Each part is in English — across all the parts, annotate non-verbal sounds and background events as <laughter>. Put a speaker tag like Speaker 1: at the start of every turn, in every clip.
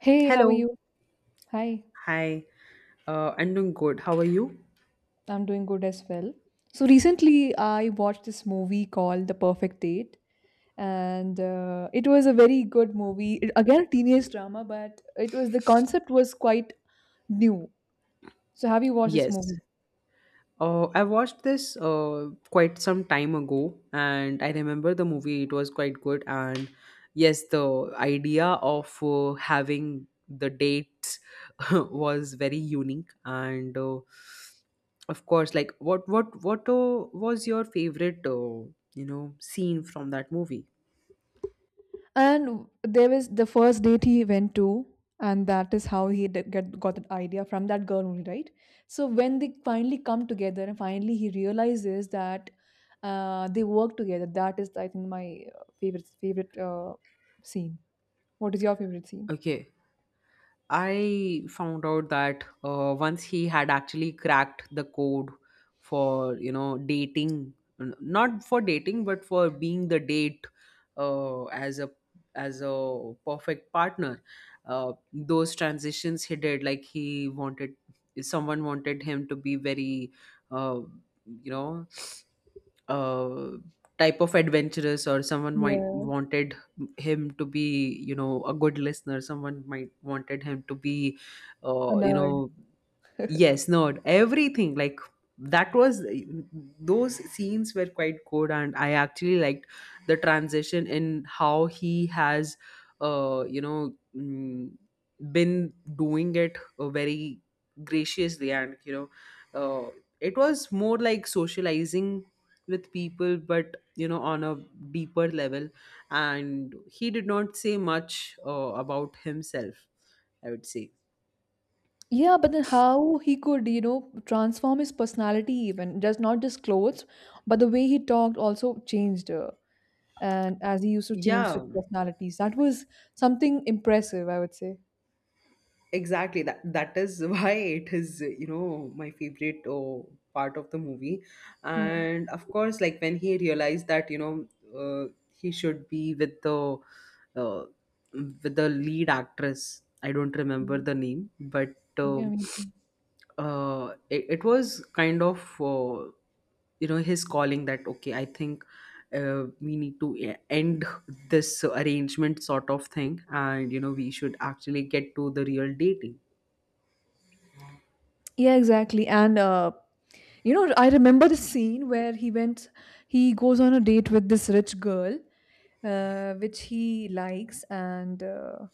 Speaker 1: Hey, how are
Speaker 2: Hello.
Speaker 1: you? Hi,
Speaker 2: Hi, I'm doing good. How are you?
Speaker 1: I'm doing good as well. So recently, I watched this movie called The Perfect Date, and it was a very good movie. Again, a teenage drama, but it was the concept was quite new. So have you watched this
Speaker 2: Yes.
Speaker 1: movie?
Speaker 2: I watched this quite some time ago, and I remember the movie. It was quite good, and yes, the idea of having the dates <laughs> was very unique. And of course, like what was your favorite, you know, scene from that movie?
Speaker 1: And there was the first date he went to, and that is how he did get got that idea from that girl only, right? So when they finally come together, and finally he realizes that they work together. That is, I think, my favorite scene. What is your favorite scene?
Speaker 2: Okay. I found out that once he had actually cracked the code for you know dating, not for dating, but for being the date uh, as a as a perfect partner. Those transitions he did, like he wanted someone wanted him to be very, uh, you know, uh, type of adventurous, or someone might
Speaker 1: Yeah,
Speaker 2: wanted him to be you know a good listener, someone might wanted him to be
Speaker 1: a
Speaker 2: you
Speaker 1: nerd.
Speaker 2: know. Yes, no, everything like that was, those scenes were quite good, and I actually liked the transition in how he has, you know, been doing it very graciously, and you know, uh, it was more like socializing with people, but you know, on a deeper level, and he did not say much about himself, I would say.
Speaker 1: Yeah, but then how he could, you know, transform his personality even just not just clothes, but the way he talked also changed. And as he used to change such
Speaker 2: Yeah,
Speaker 1: personalities. That was something impressive, I would say.
Speaker 2: exactly, that is <laughs> why it is you know my favorite oh, part of the movie.
Speaker 1: Yeah.
Speaker 2: And of course, like when he realized that you know uh, he should be uh, with the lead actress. I don't remember the name, but uh,
Speaker 1: Yeah, me too.
Speaker 2: it was kind of you know his calling that okay, I think we need to end this arrangement sort of thing, and you know we should actually get to the real dating.
Speaker 1: Yeah, exactly. And you know, I remember the scene where he went, he goes on a date with this rich girl, which he likes, and uh,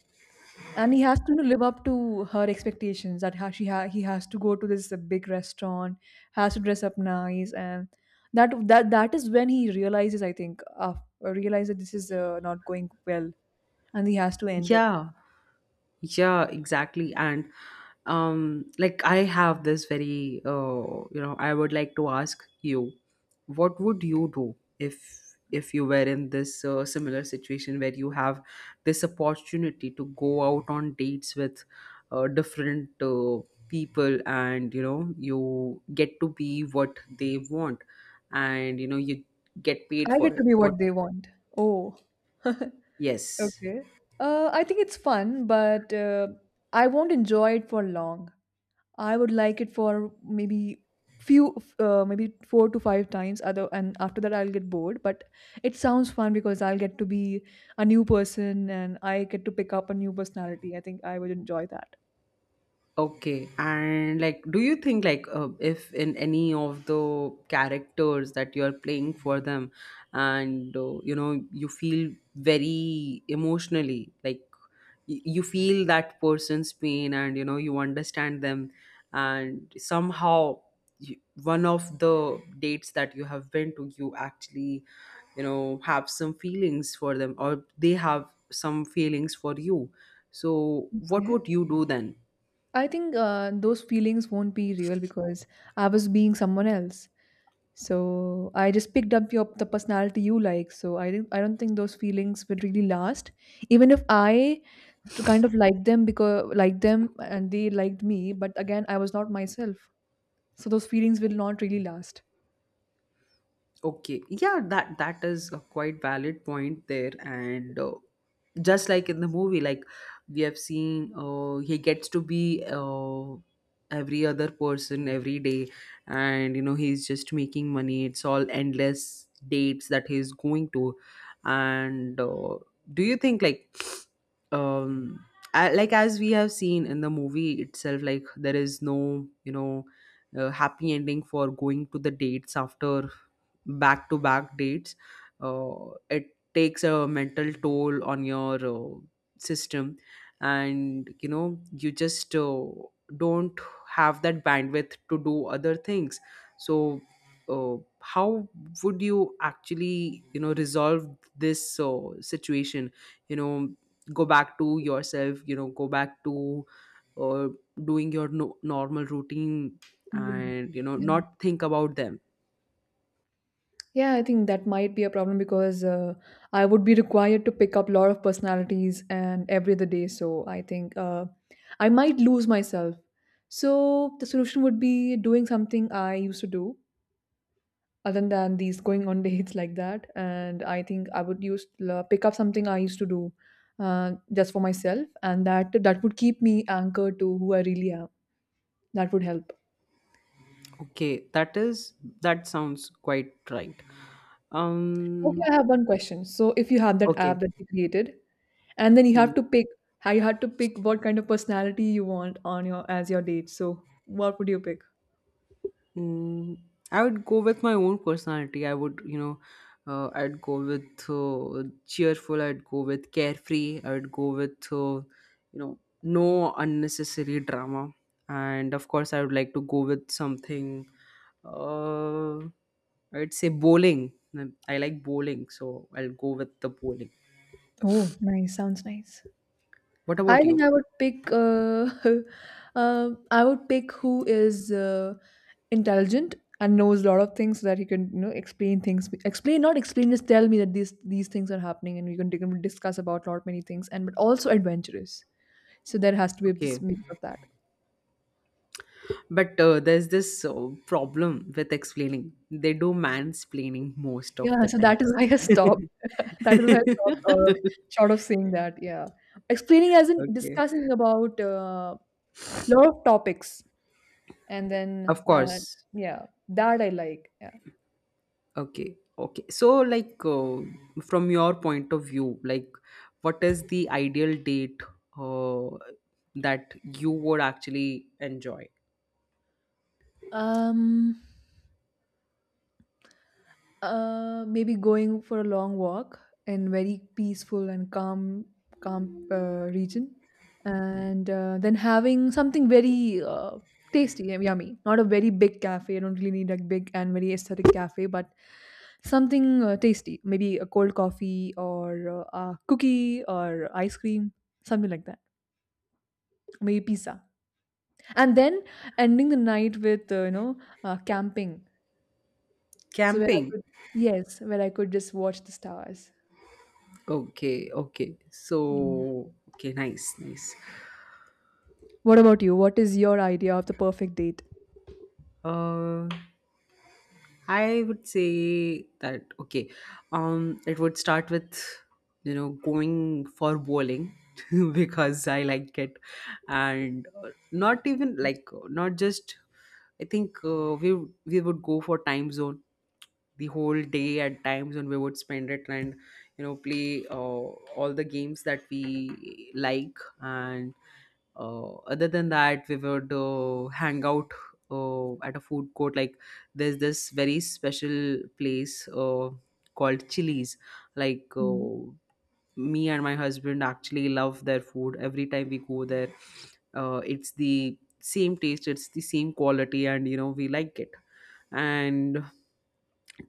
Speaker 1: and he has to live up to her expectations. That ha- she ha- He has to go to this big restaurant, has to dress up nice, and that is when he realizes, I think, realizes that this is not going well and he has to end it.
Speaker 2: Yeah. Yeah, exactly. And like I have this very, you know, I would like to ask you, what would you do if you were in this similar situation where you have this opportunity to go out on dates with different people, and you know, you get to be what they want, and you know, you get paid
Speaker 1: I
Speaker 2: for
Speaker 1: get to
Speaker 2: it.
Speaker 1: be
Speaker 2: What?
Speaker 1: what they want. Oh, <laughs> okay.
Speaker 2: Yes.
Speaker 1: I think it's fun, but I won't enjoy it for long. I would like it for maybe few, maybe four to five times. Other and after that, I'll get bored. But it sounds fun because I'll get to be a new person and I get to pick up a new personality. I think I would enjoy that.
Speaker 2: Okay, and like, do you think like if in any of the characters that you're playing for them, and you know you feel very emotionally, like you feel that person's pain, and you know you understand them, and somehow you, one of the dates that you have been to, you actually you know have some feelings for them, or they have some feelings for you. So, what
Speaker 1: Okay.
Speaker 2: would you do then?
Speaker 1: I think those feelings won't be real because I was being someone else. So I just picked up your the personality you like. I don't think those feelings will really last. Even if I to kind of like them because like them and they liked me, but again I was not myself. So those feelings will not really last.
Speaker 2: Okay, yeah, that that is a quite valid point there, and just like in the movie, like we have seen, he gets to be every other person every day, and you know he's just making money. It's all endless dates that he's going to, and do you think like, um, I, like as we have seen in the movie itself, like there is no you know happy ending for going to the dates after back to back dates, uh, it takes a mental toll on your system, and you know you just don't have that bandwidth to do other things, so how would you actually you know resolve this situation, you know go back to yourself, you know go back to uh, doing your normal routine,
Speaker 1: Mm.
Speaker 2: and you know not think about them.
Speaker 1: Yeah, I think that might be a problem because I would be required to pick up a lot of personalities and every other day. So I think I might lose myself. So the solution would be doing something I used to do other than these going on <laughs> dates like that. And I think I would pick up something I used to do just for myself, and that would keep me anchored to who I really am. That would help.
Speaker 2: Okay, that is, that sounds quite right.
Speaker 1: Okay,
Speaker 2: Um,
Speaker 1: I have one question. So if you have that
Speaker 2: okay.
Speaker 1: app that you created, and then you
Speaker 2: Hmm.
Speaker 1: have to pick how you had to pick what kind of personality you want on your as your date. So what would you pick?
Speaker 2: Mm, I would go with my own personality. I would, you know, I'd go with cheerful. I'd go with carefree. I would go with, you know, no unnecessary drama. And of course, I would like to go with something. Uh, I'd say bowling. I like bowling, so I'll go with the bowling.
Speaker 1: Oh, nice. Sounds nice.
Speaker 2: What about
Speaker 1: I think
Speaker 2: you?
Speaker 1: I would pick. <laughs> I would pick who is intelligent and knows a lot of things so that he can, you know, explain things. Explain, not explain, just tell me that these things are happening, and we can discuss about lot many things. And but also adventurous. So there has to be this
Speaker 2: Okay.
Speaker 1: mix of that.
Speaker 2: But there's this problem with explaining. They do mansplaining most of
Speaker 1: Yeah.
Speaker 2: the
Speaker 1: So that is
Speaker 2: times.
Speaker 1: why I stopped. <laughs> That is why I stopped. Short of saying that, yeah, explaining as
Speaker 2: <laughs>
Speaker 1: in
Speaker 2: Okay.
Speaker 1: discussing about a lot of topics, and then
Speaker 2: Of course.
Speaker 1: yeah, that I like. Yeah.
Speaker 2: Okay. Okay. So, like, from your point of view, like, what is the ideal date uh, that you would actually enjoy?
Speaker 1: Um, Maybe going for a long walk in very peaceful and calm, calm region, and then having something very tasty and yummy. Not a very big cafe. I don't really need a big and very aesthetic cafe, but something tasty. Maybe a cold coffee or a cookie or ice cream, something like that. Maybe pizza, and then ending the night with you know camping. So where I
Speaker 2: Camping.
Speaker 1: could, yes, where I could just watch the stars.
Speaker 2: Okay. Okay. So,
Speaker 1: Yeah.
Speaker 2: okay. Nice. Nice.
Speaker 1: What about you? What is your idea of the perfect date?
Speaker 2: Uh, I would say that okay. It would start with you know going for bowling <laughs> because I like it, and not even like not just. I think we would go for time zone the whole day at times when we would spend it, and you know play all the games that we like, and other than that we would hang out at a food court, like there's this very special place called Chili's, like
Speaker 1: Mm.
Speaker 2: me and my husband actually love their food. Every time we go there, it's the same taste, it's the same quality, and you know we like it. And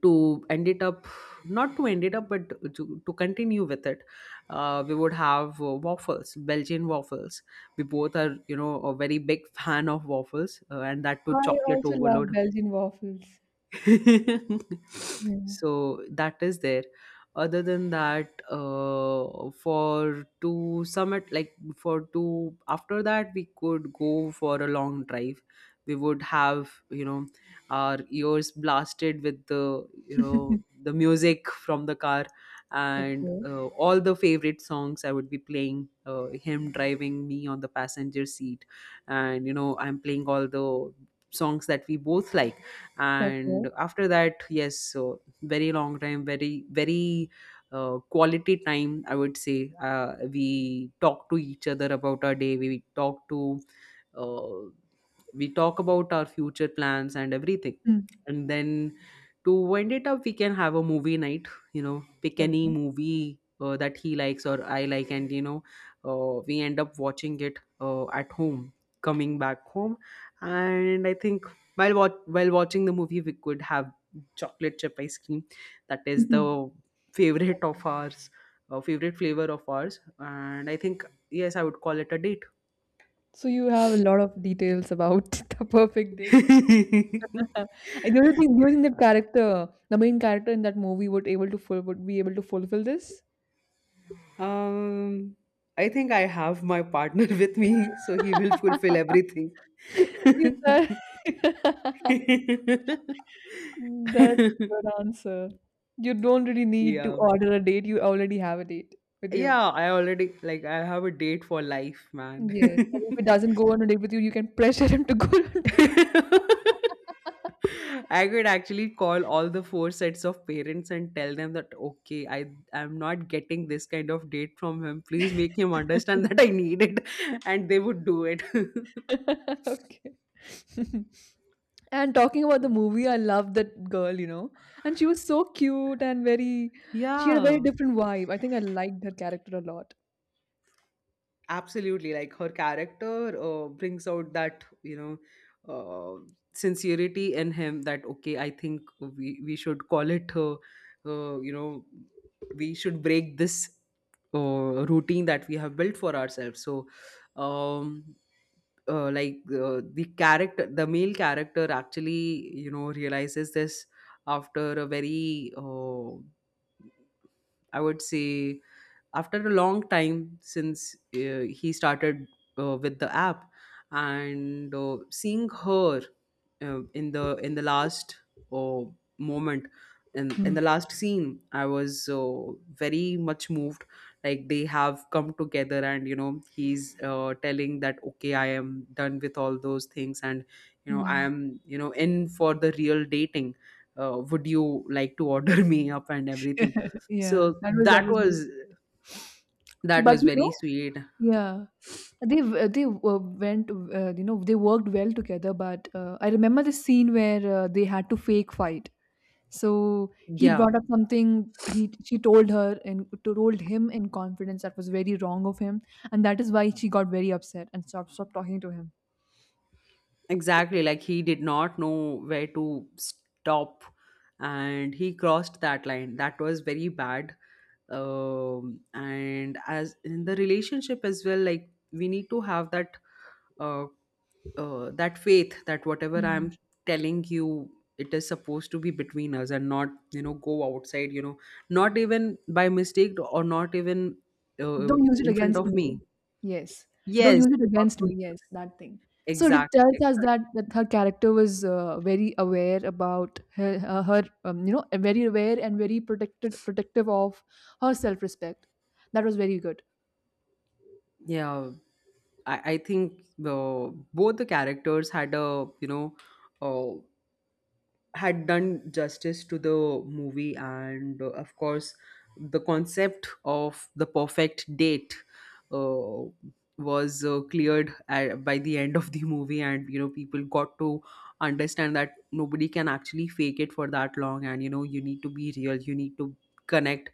Speaker 2: to end it up, not to end it up, but to continue with it, we would have waffles, Belgian waffles. We both are you know a very big fan of waffles, and that too
Speaker 1: I
Speaker 2: chocolate
Speaker 1: also love
Speaker 2: overload.
Speaker 1: Belgian waffles.
Speaker 2: <laughs>
Speaker 1: Yeah.
Speaker 2: So that is there. Other than that, for to summit, like for to, after that we could go for a long drive. We would have you know our ears blasted with the you know
Speaker 1: <laughs>
Speaker 2: the music from the car, and
Speaker 1: Okay.
Speaker 2: all the favorite songs I would be playing, him driving me on the passenger seat, and you know I'm playing all the songs that we both like.
Speaker 1: Okay.
Speaker 2: And after that, yes, so very long time, very very quality time, I would say. We talk to each other about our day, we talk to uh, we talk about our future plans and everything,
Speaker 1: Mm.
Speaker 2: and then to wind it up we can have a movie night. You know, pick any
Speaker 1: Okay.
Speaker 2: movie that he likes or I like, and you know we end up watching it at home, coming back home. And I think while while watching the movie we could have chocolate chip ice cream. That
Speaker 1: <laughs>
Speaker 2: is the
Speaker 1: Mhm.
Speaker 2: favorite of ours, favorite flavor of ours. And I think yes, I would call it a date.
Speaker 1: So you have a lot of details about <laughs> the perfect date. <laughs>
Speaker 2: <laughs>
Speaker 1: And do you think that character, the main character in that movie, would be able to fulfill this?
Speaker 2: Um, I think I have my partner <laughs> with me, so he will fulfill
Speaker 1: <laughs>
Speaker 2: everything.
Speaker 1: You thought.
Speaker 2: <laughs>
Speaker 1: <laughs> That's a good answer. You don't really need to
Speaker 2: Yeah.
Speaker 1: order a date. You already have a date with you.
Speaker 2: Yeah, I already, like I have a date for life, man.
Speaker 1: Yes. And if it
Speaker 2: <laughs>
Speaker 1: doesn't go on a date with you, you can pressure him to go on a date.
Speaker 2: <laughs> I could actually call all the four sets of parents and tell them that okay, I am not getting this kind of date from him. Please make him understand
Speaker 1: <laughs>
Speaker 2: <laughs> that I need it, <laughs> and they would do it.
Speaker 1: Okay. <laughs> And talking
Speaker 2: <laughs>
Speaker 1: about the
Speaker 2: So,
Speaker 1: movie, I love that girl, you know. And she was so cute and very, she had a very
Speaker 2: yeah.
Speaker 1: different vibe. I think I liked her character a lot.
Speaker 2: Absolutely, like her character brings out that you know uh, sincerity in him. That okay, I think we should call it. You know, we should break this routine that we have built for ourselves. So, um, like the character, the male character actually you know realizes this after a very. I would say after a long time since he started with the app, and seeing her in the last uh, moment, in
Speaker 1: Hmm.
Speaker 2: the last scene I was very much moved, like they have come together and you know he's telling that okay, I am done with all those things, and you know I
Speaker 1: Yeah.
Speaker 2: am you know in for the real dating. Would you like to order <laughs> me up and everything?
Speaker 1: Yeah.
Speaker 2: So
Speaker 1: That
Speaker 2: that
Speaker 1: was very
Speaker 2: was,
Speaker 1: sweet.
Speaker 2: that
Speaker 1: But
Speaker 2: was
Speaker 1: you
Speaker 2: very
Speaker 1: know,
Speaker 2: sweet.
Speaker 1: yeah. They went you know they worked well together, but I remember the scene where they had to fake fight. So he
Speaker 2: Yeah,
Speaker 1: brought up something he she told her and told him in confidence that was very wrong of him, and that is why she got very upset and stopped talking to him.
Speaker 2: exactly. Like he did not know where to stop, and he crossed that line. That was very bad. Um, and as in the relationship as well, like we need to have that uh, that faith that whatever
Speaker 1: Yeah.
Speaker 2: I'm telling you, it is supposed to be between us and not you know go outside, you know, not even by mistake or not even
Speaker 1: Don't use it
Speaker 2: in front
Speaker 1: against
Speaker 2: of
Speaker 1: me.
Speaker 2: me.
Speaker 1: Yes. Don't
Speaker 2: Yes,
Speaker 1: use it
Speaker 2: what
Speaker 1: against
Speaker 2: to
Speaker 1: me.
Speaker 2: you.
Speaker 1: Yes, that thing. So it
Speaker 2: Exactly,
Speaker 1: tells us that,
Speaker 2: exactly.
Speaker 1: that her character was very aware about her, her you know, very aware and very protected, protective of her self-respect. That was very good.
Speaker 2: Yeah, I think the both the characters had a you know uh, had done justice to the movie, and of course the concept of the perfect date uh, was cleared at, by the end of the movie, and you know people got to understand that nobody can actually fake it for that long, and you know you need to be real, you need to connect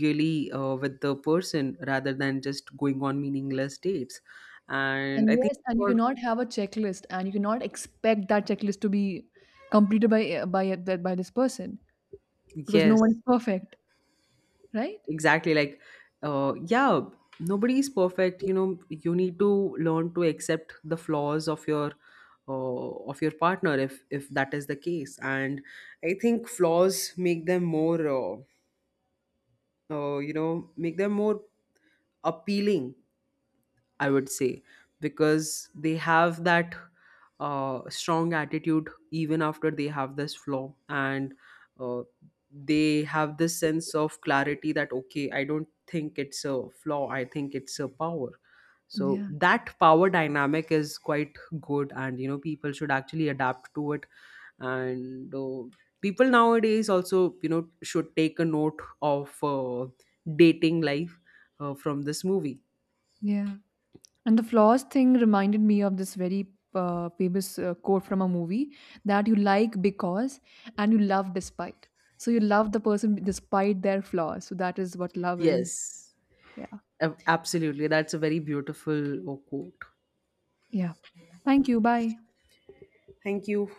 Speaker 2: really with the person rather than just going on meaningless dates. And I
Speaker 1: And
Speaker 2: think
Speaker 1: yes, and you
Speaker 2: for-.
Speaker 1: cannot have a checklist, and you cannot expect that checklist to be completed by this person because no
Speaker 2: Yes,
Speaker 1: one is perfect, right?
Speaker 2: exactly. Like yeah, nobody is perfect, you know you need to learn to accept the flaws of your partner, if that is the case. And I think flaws make them more you know, make them more appealing, I would say, because they have that strong attitude even after they have this flaw, and uh, they have this sense of clarity that, okay, I don't think it's a flaw, I think it's a power. So
Speaker 1: Yeah,
Speaker 2: that power dynamic is quite good, and you know, people should actually adapt to it. And people nowadays also, you know, should take a note of dating life from this movie.
Speaker 1: yeah. And the flaws thing reminded me of this very famous quote from a movie that you like because and you love despite. So you love the person despite their flaws. So that is what love is.
Speaker 2: Yes.
Speaker 1: Yeah.
Speaker 2: Absolutely. That's a very beautiful quote.
Speaker 1: Yeah. Thank you. Bye.
Speaker 2: Thank you.